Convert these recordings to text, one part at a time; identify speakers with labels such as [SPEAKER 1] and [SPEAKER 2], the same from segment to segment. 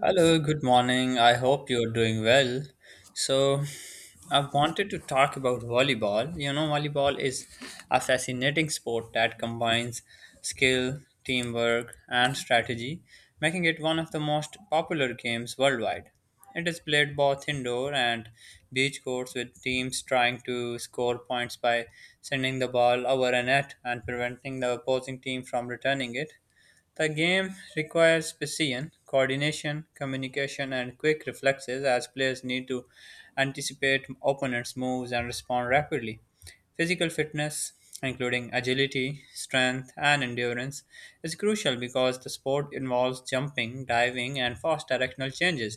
[SPEAKER 1] Hello, good morning. I hope you're doing well. So, I wanted to talk about volleyball. Volleyball is a fascinating sport that combines skill, teamwork, and strategy, making it one of the most popular games worldwide. It is played both indoor and beach courts with teams trying to score points by sending the ball over a net and preventing the opposing team from returning it. The game requires precision, coordination, communication, and quick reflexes as players need to anticipate opponents' moves and respond rapidly. Physical fitness, including agility, strength, and endurance, is crucial because the sport involves jumping, diving, and fast directional changes.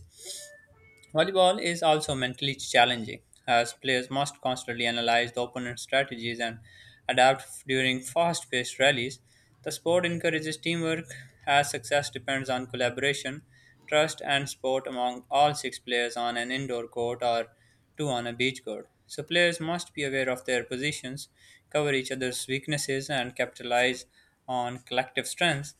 [SPEAKER 1] Volleyball is also mentally challenging, as players must constantly analyze the opponent's strategies and during fast paced rallies. The sport encourages teamwork, as success depends on collaboration, trust, and support among all six players on an indoor court or two on a beach court. So, players must be aware of their positions, cover each other's weaknesses, and capitalize on collective strengths.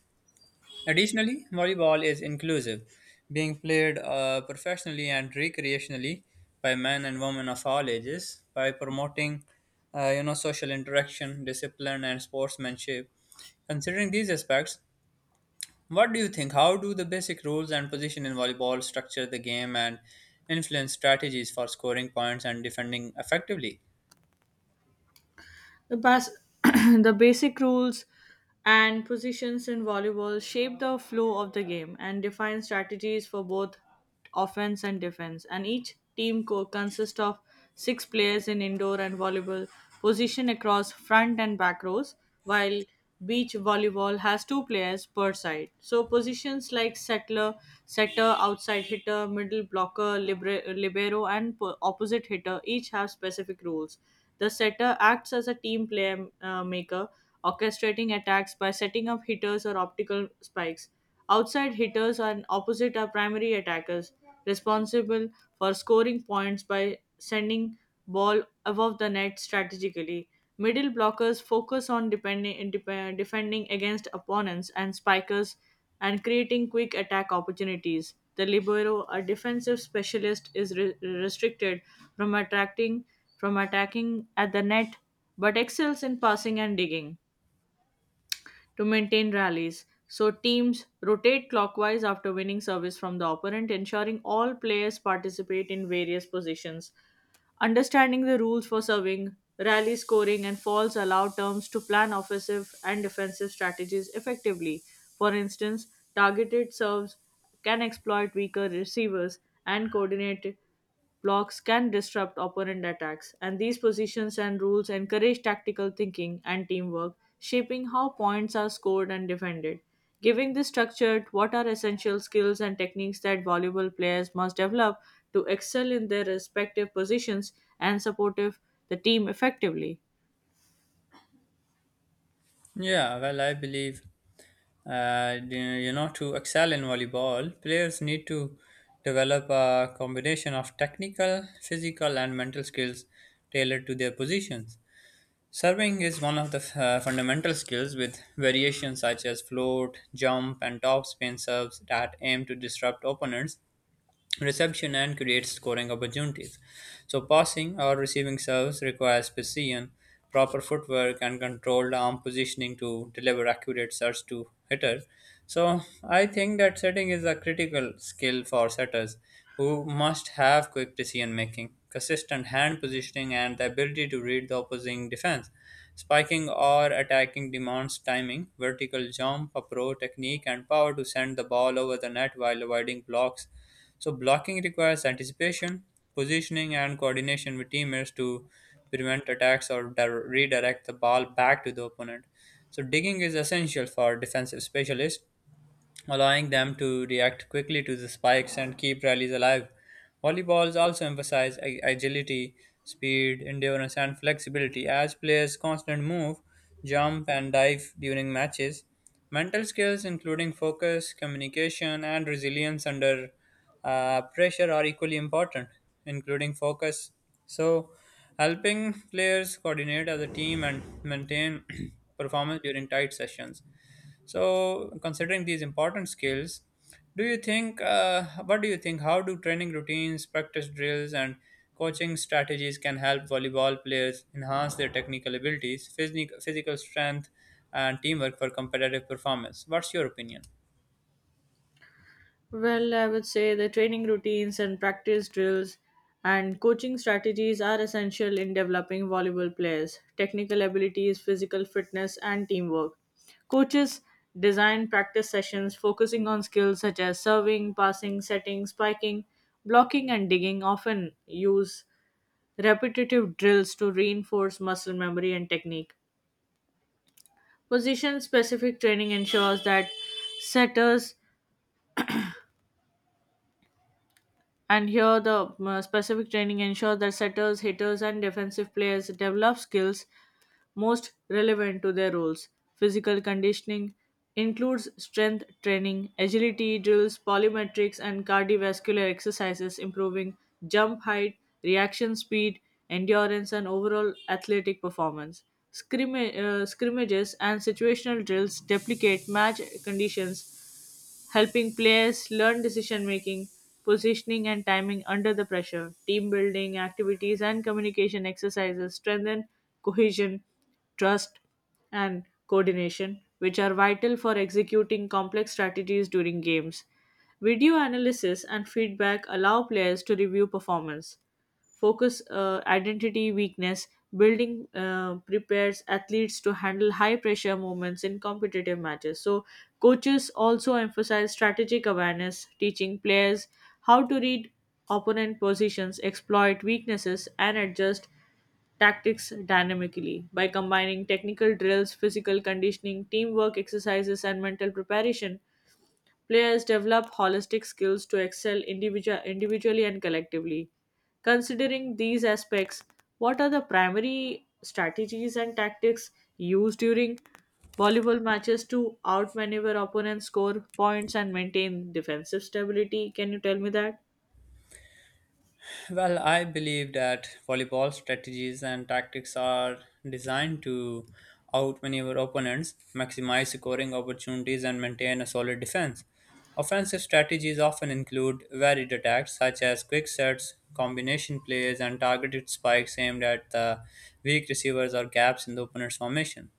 [SPEAKER 1] Additionally, volleyball is inclusive, being played professionally and recreationally by men and women of all ages by promoting social interaction, discipline and sportsmanship. Considering these aspects, what do you think? How do the basic rules and position in volleyball structure the game and influence strategies for scoring points and defending effectively?
[SPEAKER 2] The, bas- the basic rules and positions in volleyball shape the flow of the game and define strategies for both offense and defense. And each team consists of six players in indoor and volleyball position across front and back rows, while beach volleyball has two players per side. So positions like setter, outside hitter, middle blocker, libero, and opposite hitter each have specific rules. The setter acts as a team player maker, orchestrating attacks by setting up hitters or optical spikes. Outside hitters and opposite are primary attackers, responsible for scoring points by sending ball above the net strategically. Middle blockers focus on defending against opponents and spikers, and creating quick attack opportunities. The libero, a defensive specialist, is restricted from attracting from attacking at the net, but excels in passing and digging to maintain rallies. So teams rotate clockwise after winning service from the opponent, ensuring all players participate in various positions. Understanding the rules for serving, rally scoring, and falls allow terms to plan offensive and defensive strategies effectively. For instance, targeted serves can exploit weaker receivers, and coordinated blocks can disrupt opponent attacks. And these positions and rules encourage tactical thinking and teamwork, shaping how points are scored and defended. Giving this structure, what are essential skills and techniques that volleyball players must develop to excel in their respective positions and supportive the team effectively?
[SPEAKER 1] Yeah, well, I believe to excel in volleyball, players need to develop a combination of technical, physical, and mental skills tailored to their positions. Serving is one of the fundamental skills with variations such as float, jump, and topspin serves that aim to disrupt opponents reception and creates scoring opportunities. So, passing or receiving serves requires precision, proper footwork, and controlled arm positioning to deliver accurate serves to hitter. So, I think that setting is a critical skill for setters who must have quick decision making, consistent hand positioning, and the ability to read the opposing defense. Spiking or attacking demands timing, vertical jump, approach technique, and power to send the ball over the net while avoiding blocks so blocking requires anticipation, positioning, and coordination with teammates to prevent attacks or redirect the ball back to the opponent. So digging is essential for defensive specialists allowing them to react quickly to the spikes and keep rallies alive. Volleyballs also emphasize agility, speed, endurance, and flexibility as players constantly move, jump, and dive during matches. Mental skills, including focus, communication, and resilience under pressure, are equally important, including focus. So, helping players coordinate as a team and maintain performance during tight sessions. So, considering these important skills, what do you think, how do training routines, practice drills, and coaching strategies can help volleyball players enhance their technical abilities, physical strength, and teamwork for competitive performance? What's your opinion?
[SPEAKER 2] Well, I would say the training routines and practice drills and coaching strategies are essential in developing volleyball players, technical abilities, physical fitness, and teamwork. Coaches design practice sessions focusing on skills such as serving, passing, setting, spiking, blocking, and digging, often use repetitive drills to reinforce muscle memory and technique. Position specific training ensures that setters and here the specific training ensures that setters, hitters, and defensive players develop skills most relevant to their roles. Physical conditioning includes strength training, agility drills, polymetrics, and cardiovascular exercises, improving jump height, reaction speed, endurance, and overall athletic performance. Scrimmages and situational drills deprecate match conditions, helping players learn decision making, positioning, and timing under the pressure. Team building activities and communication exercises strengthen cohesion, trust, and coordination, which are vital for executing complex strategies during games. Video analysis and feedback allow players to review performance, focus identity weakness, building prepares athletes to handle high pressure moments in competitive matches. So coaches also emphasize strategic awareness, teaching players how to read opponent positions, exploit weaknesses, and adjust tactics dynamically by combining technical drills, physical conditioning, teamwork exercises, and mental preparation. Players develop holistic skills to excel individually and collectively. Considering these aspects, what are the primary strategies and tactics used during volleyball matches to outmaneuver opponents, score points, and maintain defensive stability? Can you tell me that?
[SPEAKER 1] Well, I believe that volleyball strategies and tactics are designed to outmaneuver opponents, maximize scoring opportunities, and maintain a solid defense. Offensive strategies often include varied attacks such as quick sets, combination plays, and targeted spikes aimed at the weak receivers or gaps in the opponent's formation.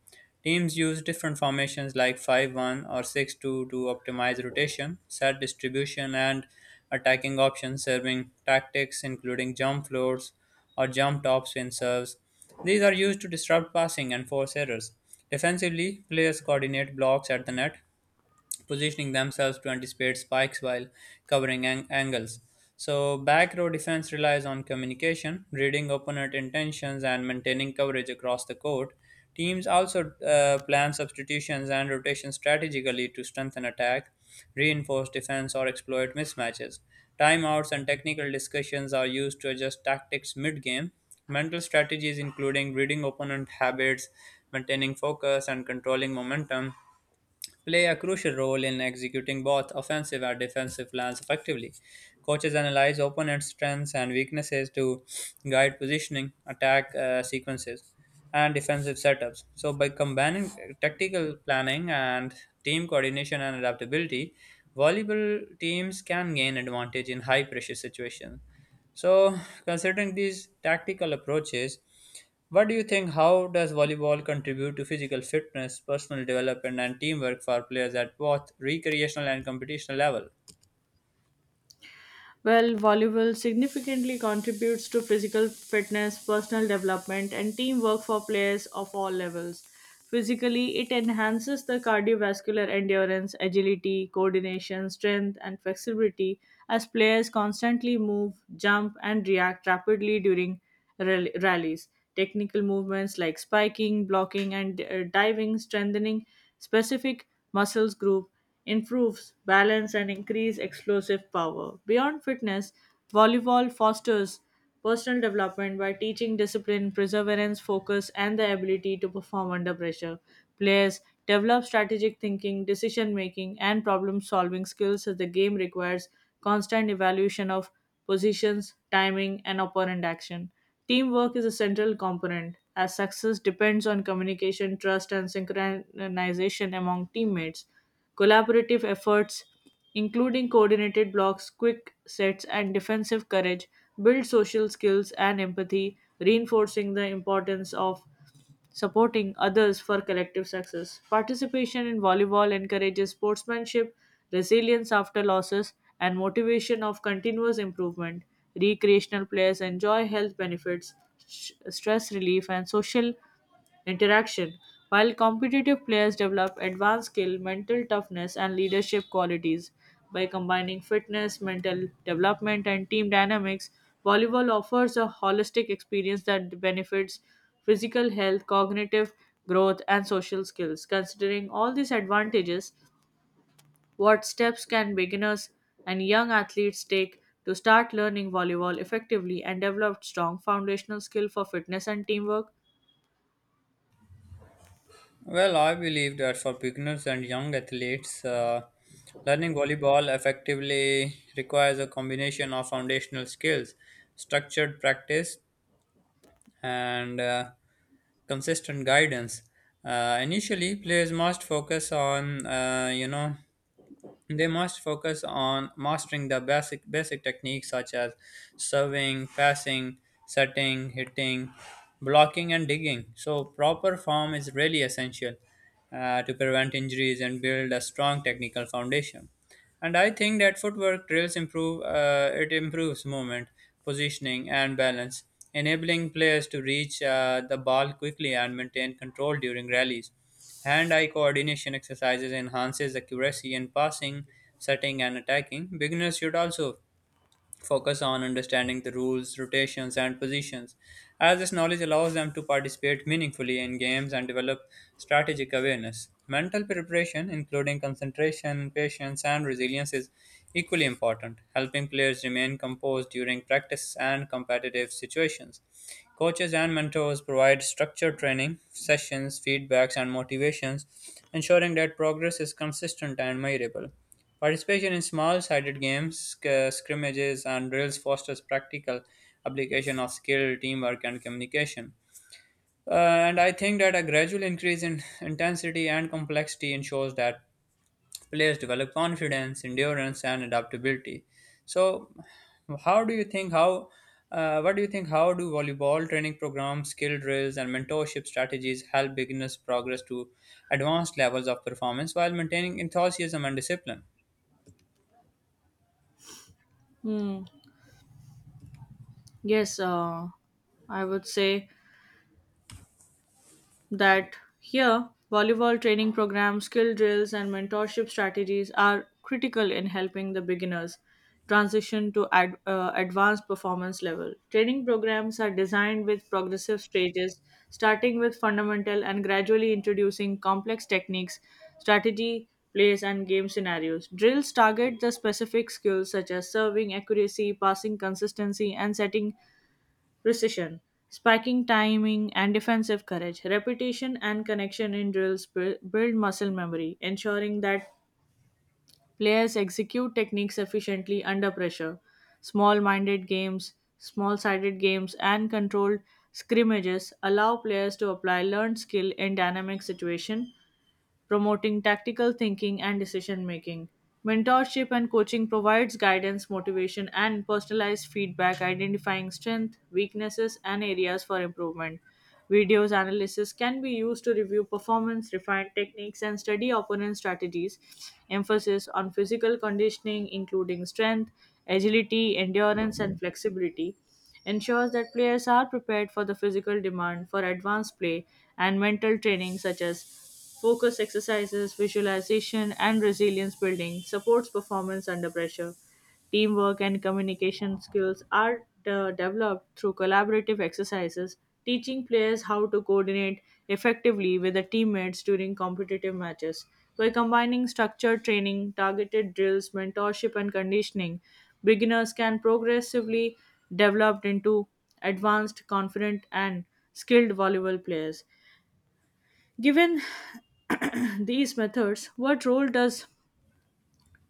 [SPEAKER 1] Teams use different formations like 5-1 or 6-2 to optimize rotation, set distribution, and attacking options, serving tactics including jump floors or jump top spin serves. These are used to disrupt passing and force errors. Defensively, players coordinate blocks at the net, positioning themselves to anticipate spikes while covering angles. So, back row defense relies on communication, reading opponent intentions, and maintaining coverage across the court. Teams also plan substitutions and rotations strategically to strengthen attack, reinforce defense, or exploit mismatches. Timeouts and technical discussions are used to adjust tactics mid game. Mental strategies, including reading opponent habits, maintaining focus, and controlling momentum, play a crucial role in executing both offensive and defensive plans effectively. Coaches analyze opponents' strengths and weaknesses to guide positioning, attack sequences, and defensive setups. So, by combining tactical planning and team coordination and adaptability, volleyball teams can gain advantage in high pressure situations. So, considering these tactical approaches, what do you think? How does volleyball contribute to physical fitness, personal development, and teamwork for players at both recreational and competitional level?
[SPEAKER 2] Well, volleyball significantly contributes to physical fitness, personal development, and teamwork for players of all levels. Physically, it enhances the cardiovascular endurance, agility, coordination, strength, and flexibility as players constantly move, jump, and react rapidly during rallies. Technical movements like spiking, blocking, and diving strengthening specific muscles group improves balance and increase explosive power. Beyond fitness, volleyball fosters personal development by teaching discipline, perseverance, focus, and the ability to perform under pressure. Players develop strategic thinking, decision making, and problem solving skills, as the game requires constant evaluation of positions, timing, and opponent action. Teamwork is a central component, as success depends on communication, trust, and synchronization among teammates. Collaborative efforts, including coordinated blocks, quick sets, and defensive courage, build social skills and empathy, reinforcing the importance of supporting others for collective success. Participation in volleyball encourages sportsmanship, resilience after losses, and motivation of continuous improvement. Recreational players enjoy health benefits, stress relief, and social interaction, while competitive players develop advanced skill, mental toughness, and leadership qualities. By combining fitness, mental development, and team dynamics, volleyball offers a holistic experience that benefits physical health, cognitive growth, and social skills. Considering all these advantages, what steps can beginners and young athletes take to start learning volleyball effectively and develop strong foundational skill for fitness and teamwork?
[SPEAKER 1] Well, I believe that for beginners and young athletes, learning volleyball effectively requires a combination of foundational skills, structured practice, and consistent guidance. Initially, players must focus on, you know, They must focus on mastering the basic basic techniques such as serving, passing, setting, hitting, blocking, and digging. So proper form is really essential to prevent injuries and build a strong technical foundation. And I think that footwork drills improve it improves movement, positioning, and balance, enabling players to reach the ball quickly and maintain control during rallies. Hand-eye coordination exercises enhances accuracy in passing, setting, and attacking. Beginners should also focus on understanding the rules, rotations, and positions, as this knowledge allows them to participate meaningfully in games and develop strategic awareness. Mental preparation, including concentration, patience, and resilience, is equally important, helping players remain composed during practice and competitive situations. Coaches and mentors provide structured training, sessions, feedbacks, and motivations, ensuring that progress is consistent and measurable. Participation in small-sided games, scrimmages, and drills fosters practical application of skill, teamwork, and communication. And I think that a gradual increase in intensity and complexity ensures that players develop confidence, endurance, and adaptability. So, how do you think how what do you think how do volleyball training programs, skill drills, and mentorship strategies help beginners progress to advanced levels of performance while maintaining enthusiasm and discipline?
[SPEAKER 2] Hmm. Yes, I would say that here volleyball training programs, skill drills, and mentorship strategies are critical in helping the beginners transition to advanced performance level. Training programs are designed with progressive stages, starting with fundamental and gradually introducing complex techniques, strategy, plays, and game scenarios. Drills target the specific skills such as serving accuracy, passing consistency, and setting precision, spiking timing, and defensive courage. Repetition and connection in drills build muscle memory, ensuring that players execute techniques efficiently under pressure. Small sided games and controlled scrimmages allow players to apply learned skill in dynamic situations, promoting tactical thinking and decision making. Mentorship and coaching provides guidance, motivation, and personalized feedback, identifying strengths, weaknesses, and areas for improvement. Videos analysis can be used to review performance, refine techniques, and study opponent strategies. Emphasis on physical conditioning, including strength, agility, endurance, and flexibility, ensures that players are prepared for the physical demand for advanced play, and mental training, such as focus exercises, visualization, and resilience building supports performance under pressure. Teamwork and communication skills are developed through collaborative exercises, teaching players how to coordinate effectively with their teammates during competitive matches. By combining structured training, targeted drills, mentorship, and conditioning, beginners can progressively develop into advanced, confident, and skilled volleyball players. Given these methods, what role does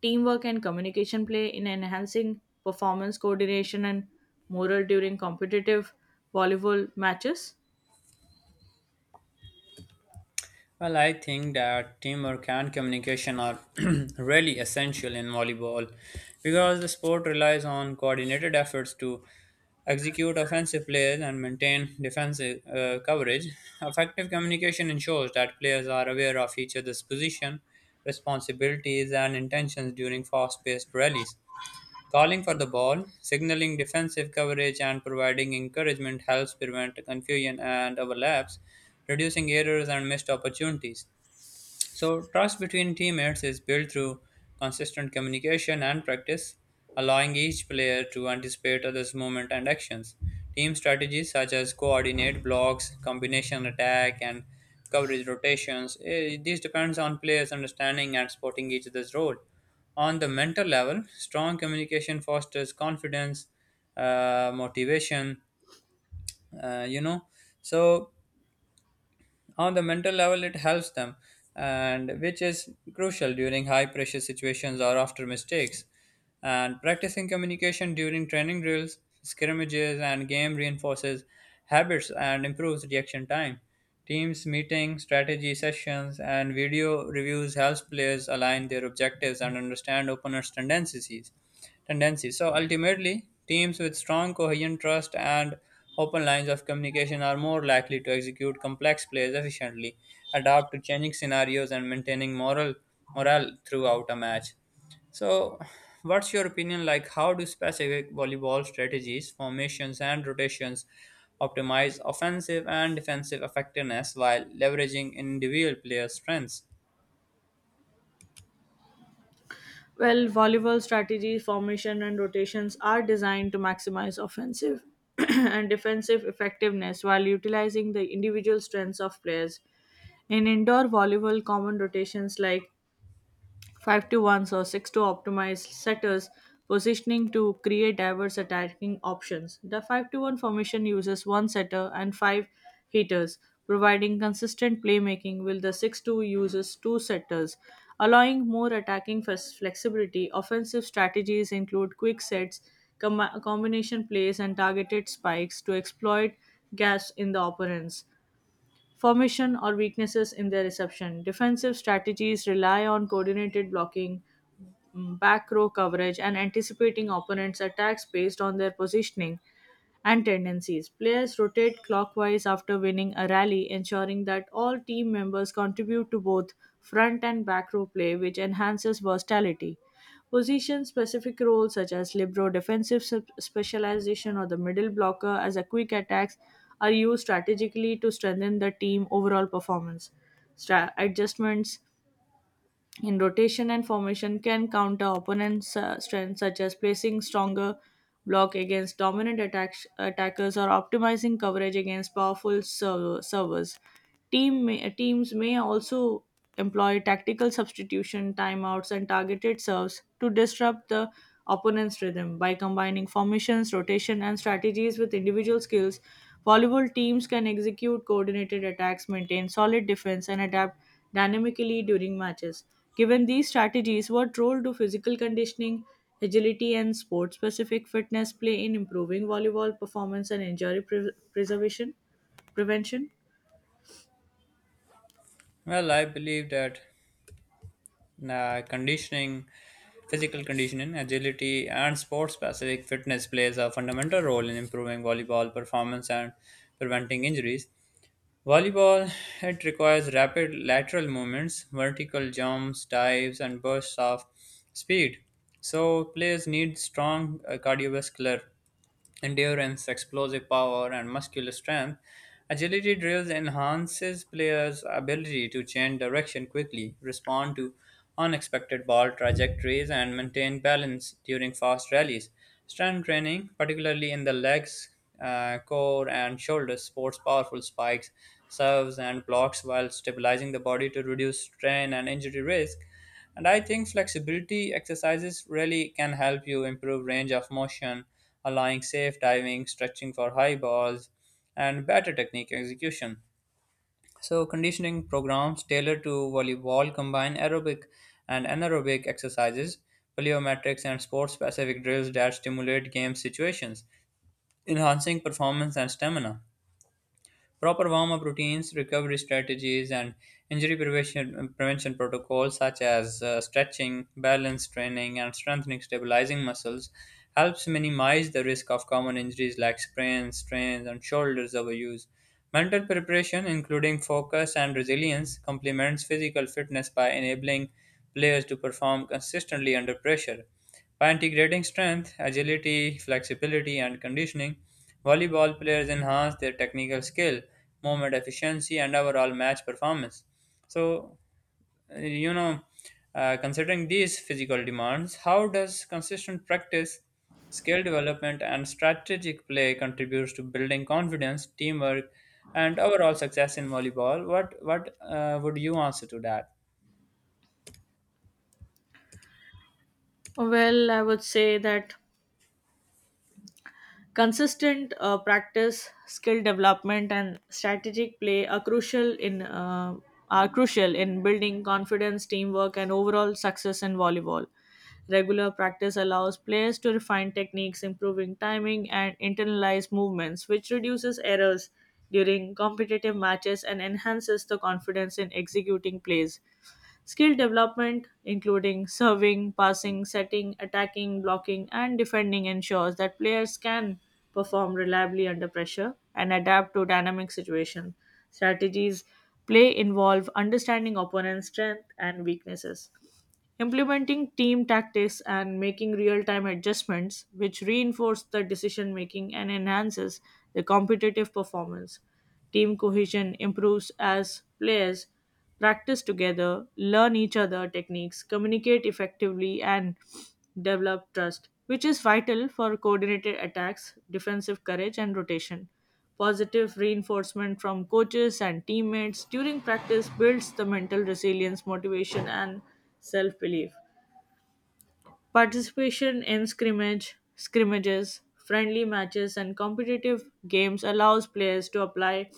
[SPEAKER 2] teamwork and communication play in enhancing performance, coordination, and morale during competitive volleyball matches?
[SPEAKER 1] Well, I think that teamwork and communication are really essential in volleyball because the sport relies on coordinated efforts to execute offensive plays and maintain defensive coverage. Effective communication ensures that players are aware of each other's position, responsibilities, and intentions during fast paced rallies. Calling for the ball, signaling defensive coverage, and providing encouragement helps prevent confusion and overlaps, reducing errors and missed opportunities. So, trust between teammates is built through consistent communication and practice, allowing each player to anticipate others' movement and actions. Team strategies such as coordinate blocks, combination attack, and coverage rotations, eh, these depends on players' understanding and supporting each other's role. On the mental level, strong communication fosters confidence, motivation, uh, you know. So, on the mental level it helps them and which is crucial during high pressure situations or after mistakes and practicing communication during training drills, scrimmages, and game reinforces habits and improves reaction time. Teams meeting, strategy sessions, and video reviews helps players align their objectives and understand opponents' tendencies. Tendencies. So ultimately, teams with strong, coherent trust and open lines of communication are more likely to execute complex plays efficiently, adapt to changing scenarios, and maintaining morale throughout a match. So, what's your opinion like? How do specific volleyball strategies, formations, and rotations optimize offensive and defensive effectiveness while leveraging individual player strengths?
[SPEAKER 2] Well, volleyball strategies, formation, and rotations are designed to maximize offensive and defensive effectiveness while utilizing the individual strengths of players. In indoor volleyball, common rotations like 5 to 1s or 6 to optimize setters positioning to create diverse attacking options. The 5 to 1 formation uses one setter and five hitters, providing consistent playmaking, while the 6-2 uses two setters, allowing more attacking flexibility. Offensive strategies include quick sets, combination plays, and targeted spikes to exploit gaps in the opponents formation, or weaknesses in their reception. Defensive strategies rely on coordinated blocking, back row coverage, and anticipating opponents' attacks based on their positioning and tendencies. Players rotate clockwise after winning a rally, ensuring that all team members contribute to both front and back row play, which enhances versatility. Position specific roles such as libero defensive specialization or the middle blocker as a quick attacks are used strategically to strengthen the team overall performance. Adjustments in rotation and formation can counter opponents' strengths, such as placing stronger block against dominant attackers or optimizing coverage against powerful servers. Teams may also employ tactical substitution, timeouts, and targeted serves to disrupt the opponent's rhythm. By combining formations, rotation, and strategies with individual skills, volleyball teams can execute coordinated attacks, maintain solid defense, and adapt dynamically during matches. Given these strategies, what role do physical conditioning, agility, and sport specific fitness play in improving volleyball performance and injury pre- preservation prevention?
[SPEAKER 1] Well, I believe that uh, conditioning, physical conditioning, agility, and sport specific fitness plays a fundamental role in improving volleyball performance and preventing injuries. Volleyball it requires rapid lateral movements, vertical jumps, dives, and bursts of speed. So players need strong cardiovascular endurance, explosive power, and muscular strength. Agility drills enhances players' ability to change direction quickly, respond to unexpected ball trajectories, and maintain balance during fast rallies. Strength training, particularly in the legs, core, and shoulders, supports powerful spikes, serves, and blocks while stabilizing the body to reduce strain and injury risk. And I think flexibility exercises really can help you improve range of motion, allowing safe diving, stretching for high balls, and better technique execution. So, conditioning programs tailored to volleyball combine aerobic and anaerobic exercises, plyometrics, and sport specific drills that stimulate game situations, enhancing performance and stamina. Proper warm up routines, recovery strategies, and prevention protocols such as stretching, balance training, and strengthening stabilizing muscles helps minimize the risk of common injuries like sprains, strains, and shoulders overuse. Mental preparation, including focus and resilience, complements physical fitness by enabling players to perform consistently under pressure. By integrating strength, agility, flexibility, and conditioning, volleyball players enhance their technical skill, movement efficiency, and overall match performance. So, uh, you know, considering these physical demands, how does consistent practice, skill development, and strategic play contributes to building confidence, teamwork, and overall success in volleyball? What would you answer to that?
[SPEAKER 2] Well, I would say that consistent practice, skill development, and strategic play are crucial in building confidence, teamwork, and overall success in volleyball. Regular practice allows players to refine techniques, improving timing, and internalize movements, which reduces errors during competitive matches and enhances the confidence in executing plays. Skill development, including serving, passing, setting, attacking, blocking, and defending, ensures that players can perform reliably under pressure and adapt to dynamic situations. Strategies play involve understanding opponents' strengths and weaknesses, implementing team tactics, and making real-time adjustments, which reinforce the decision making and enhances the competitive performance. Team cohesion improves as players practice together, learn each other techniques, communicate effectively, and develop trust, which is vital for coordinated attacks, defensive courage, and rotation. Positive reinforcement from coaches and teammates during practice builds the mental resilience, motivation, and self belief. Participation in scrimmages, friendly matches, and competitive games allows players to apply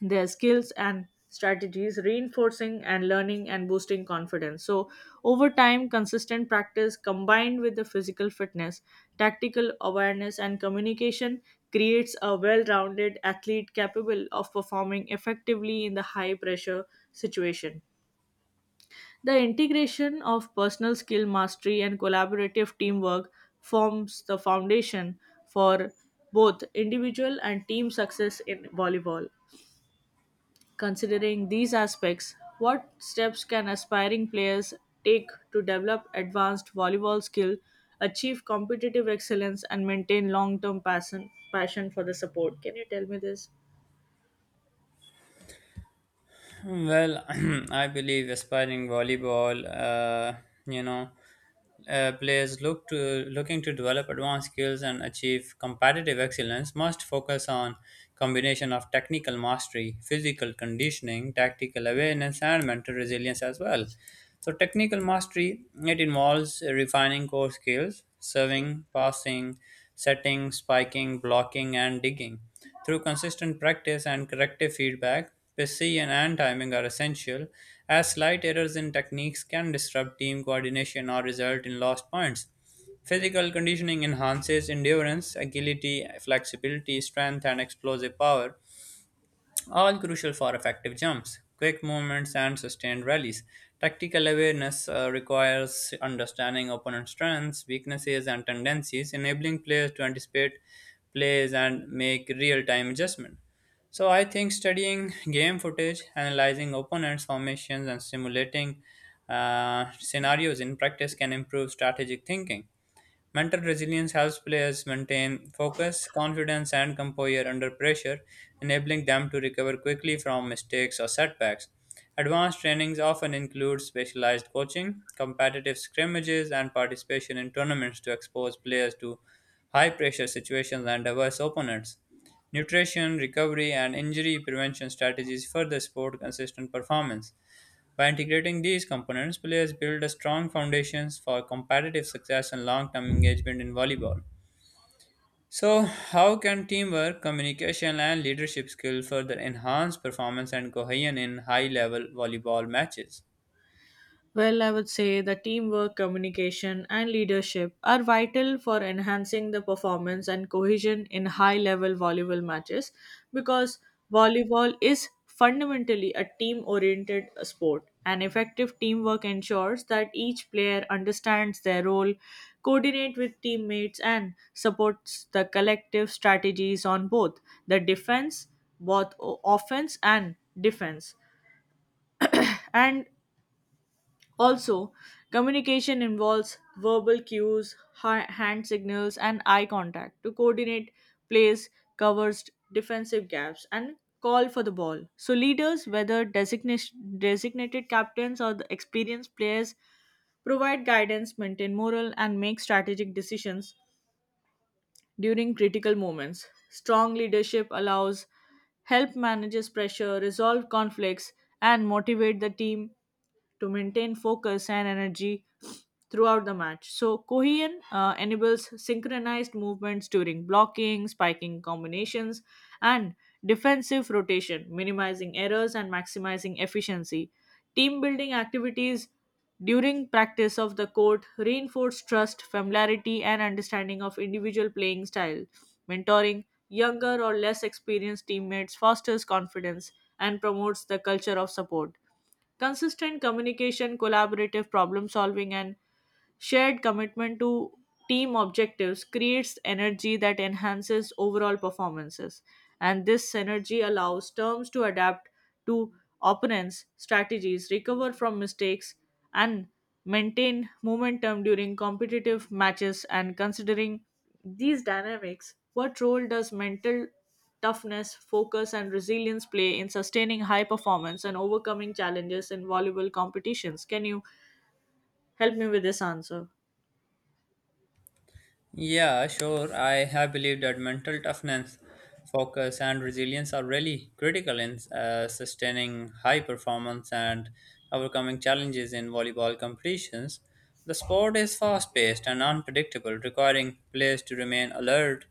[SPEAKER 2] their skills and strategies, reinforcing and learning and boosting confidence. So, over time, consistent practice combined with the physical fitness, tactical awareness, and communication creates a well rounded athlete capable of performing effectively in the high pressure situation. The integration of personal skill mastery and collaborative teamwork forms the foundation for both individual and team success in volleyball. Considering these aspects, what steps can aspiring players take to develop advanced volleyball skill, achieve competitive excellence, and maintain long term passion for the sport? Can you tell me this?
[SPEAKER 1] Well, I believe aspiring volleyball, you know, players looking to develop advanced skills and achieve competitive excellence must focus on combination of technical mastery, physical conditioning, tactical awareness, and mental resilience as well. So technical mastery it involves refining core skills, serving, passing, setting, spiking, blocking, and digging. Through consistent practice and corrective feedback, precision and timing are essential, as slight errors in techniques can disrupt team coordination or result in lost points. Physical conditioning enhances endurance, agility, flexibility, strength, and explosive power, all crucial for effective jumps, quick movements, and sustained rallies. Tactical awareness requires understanding opponent strengths, weaknesses, and tendencies, enabling players to anticipate plays and make real time adjustment. So, I think studying game footage, analyzing opponents' formations, and simulating scenarios in practice can improve strategic thinking. Mental resilience helps players maintain focus, confidence, and composure under pressure, enabling them to recover quickly from mistakes or setbacks. Advanced trainings often include specialized coaching, competitive scrimmages, and participation in tournaments to expose players to high pressure situations and diverse opponents. Nutrition, recovery, and injury prevention strategies further support consistent performance. By integrating these components, players build a strong foundations for competitive success and long-term engagement in volleyball. So, how can teamwork, communication, and leadership skills further enhance performance and cohesion in high-level volleyball matches?
[SPEAKER 2] Well, I would say the teamwork, communication, and leadership are vital for enhancing the performance and cohesion in high level volleyball matches, because volleyball is fundamentally a team oriented sport. And effective teamwork ensures that each player understands their role, coordinate with teammates, and supports the collective strategies on the defense, both offense and defense. And also, communication involves verbal cues, hand signals, and eye contact to coordinate plays, covers, defensive gaps, and call for the ball. So, leaders, whether designated captains or the experienced players, provide guidance, maintain morale, and make strategic decisions during critical moments. Strong leadership allows, help manages pressure, resolve conflicts, and motivate the team to maintain focus and energy throughout the match. So, Kohian enables synchronized movements during blocking, spiking combinations, and defensive rotation, minimizing errors and maximizing efficiency. Team building activities during practice of the court reinforce trust, familiarity, and understanding of individual playing style. Mentoring younger or less experienced teammates fosters confidence and promotes the culture of support. Consistent communication, collaborative problem solving, and shared commitment to team objectives creates energy that enhances overall performances, and this synergy allows teams to adapt to opponents' strategies, recover from mistakes, and maintain momentum during competitive matches. And considering these dynamics, what role does mental toughness, focus, and resilience play in sustaining high performance and overcoming challenges in volleyball competitions? Can you help me with this answer?
[SPEAKER 1] Yeah, sure. I have believed that mental toughness, focus, and resilience are really critical in sustaining high performance and overcoming challenges in volleyball competitions. The sport is fast paced and unpredictable, requiring players to remain alert,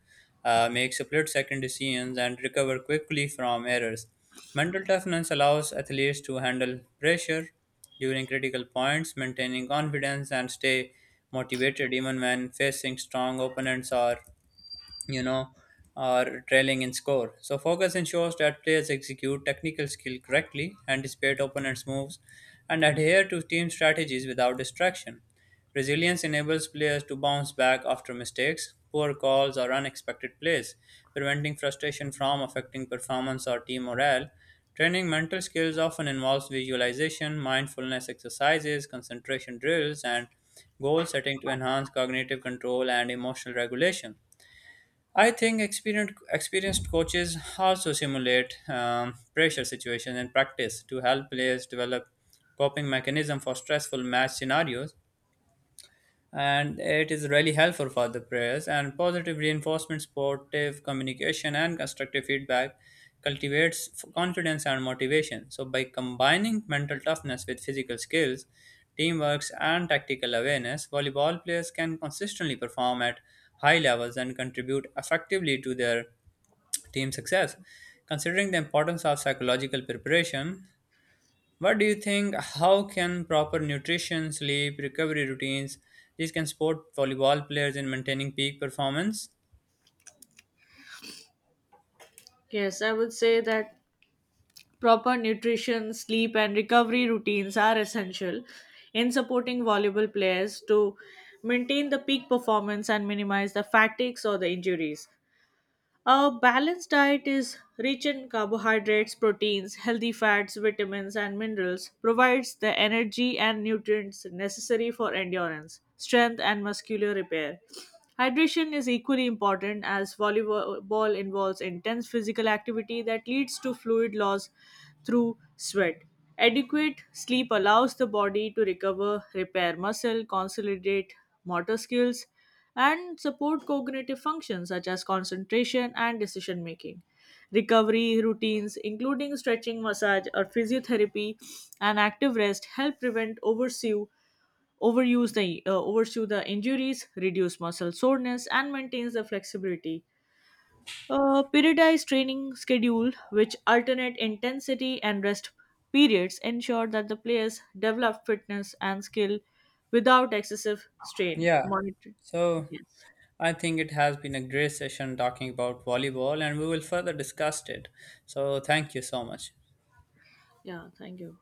[SPEAKER 1] make split second decisions, and recover quickly from errors. Mental toughness allows athletes to handle pressure during critical points, maintaining confidence and stay motivated even when facing strong opponents you know, or trailing in score. So focus ensures that players execute technical skill correctly, anticipate opponents' moves, and adhere to team strategies without distraction. Resilience enables players to bounce back after mistakes, poor calls, or unexpected plays, preventing frustration from affecting performance or team morale. Training mental skills often involves visualization, mindfulness exercises, concentration drills, and goal setting to enhance cognitive control and emotional regulation. I think experienced coaches also simulate pressure situations and practice to help players develop coping mechanism for stressful match scenarios and it is really helpful for the prayers and positive reinforcement supportive communication and constructive feedback cultivates confidence and motivation so by combining mental toughness with physical skills teamwork and tactical awareness volleyball players can consistently perform at high levels and contribute effectively to their team success. Considering the importance of psychological preparation, what do you think? How can proper nutrition, sleep, recovery routines, these can support volleyball players in maintaining peak performance?
[SPEAKER 2] Yes, I would say that proper nutrition, sleep, and recovery routines are essential in supporting volleyball players to maintain the peak performance and minimize the fatigues or the injuries. A balanced diet is rich in carbohydrates, proteins, healthy fats, vitamins, and minerals, provides the energy and nutrients necessary for endurance, strength, and muscular repair. Hydration is equally important, as volleyball involves intense physical activity that leads to fluid loss through sweat. Adequate sleep allows the body to recover, repair muscle, consolidate motor skills, and support cognitive functions such as concentration and decision making. Recovery routines, including stretching, massage, or physiotherapy, and active rest help prevent overuse the injuries, reduce muscle soreness, and maintains the flexibility. A periodized training schedule, which alternate intensity and rest periods, ensure that the players develop fitness and skill without excessive strain.
[SPEAKER 1] Yeah.
[SPEAKER 2] Monitor.
[SPEAKER 1] So
[SPEAKER 2] Yes.
[SPEAKER 1] I think it has been a great session talking about volleyball, and we will further discuss it. So thank you so much.
[SPEAKER 2] Yeah. Thank you.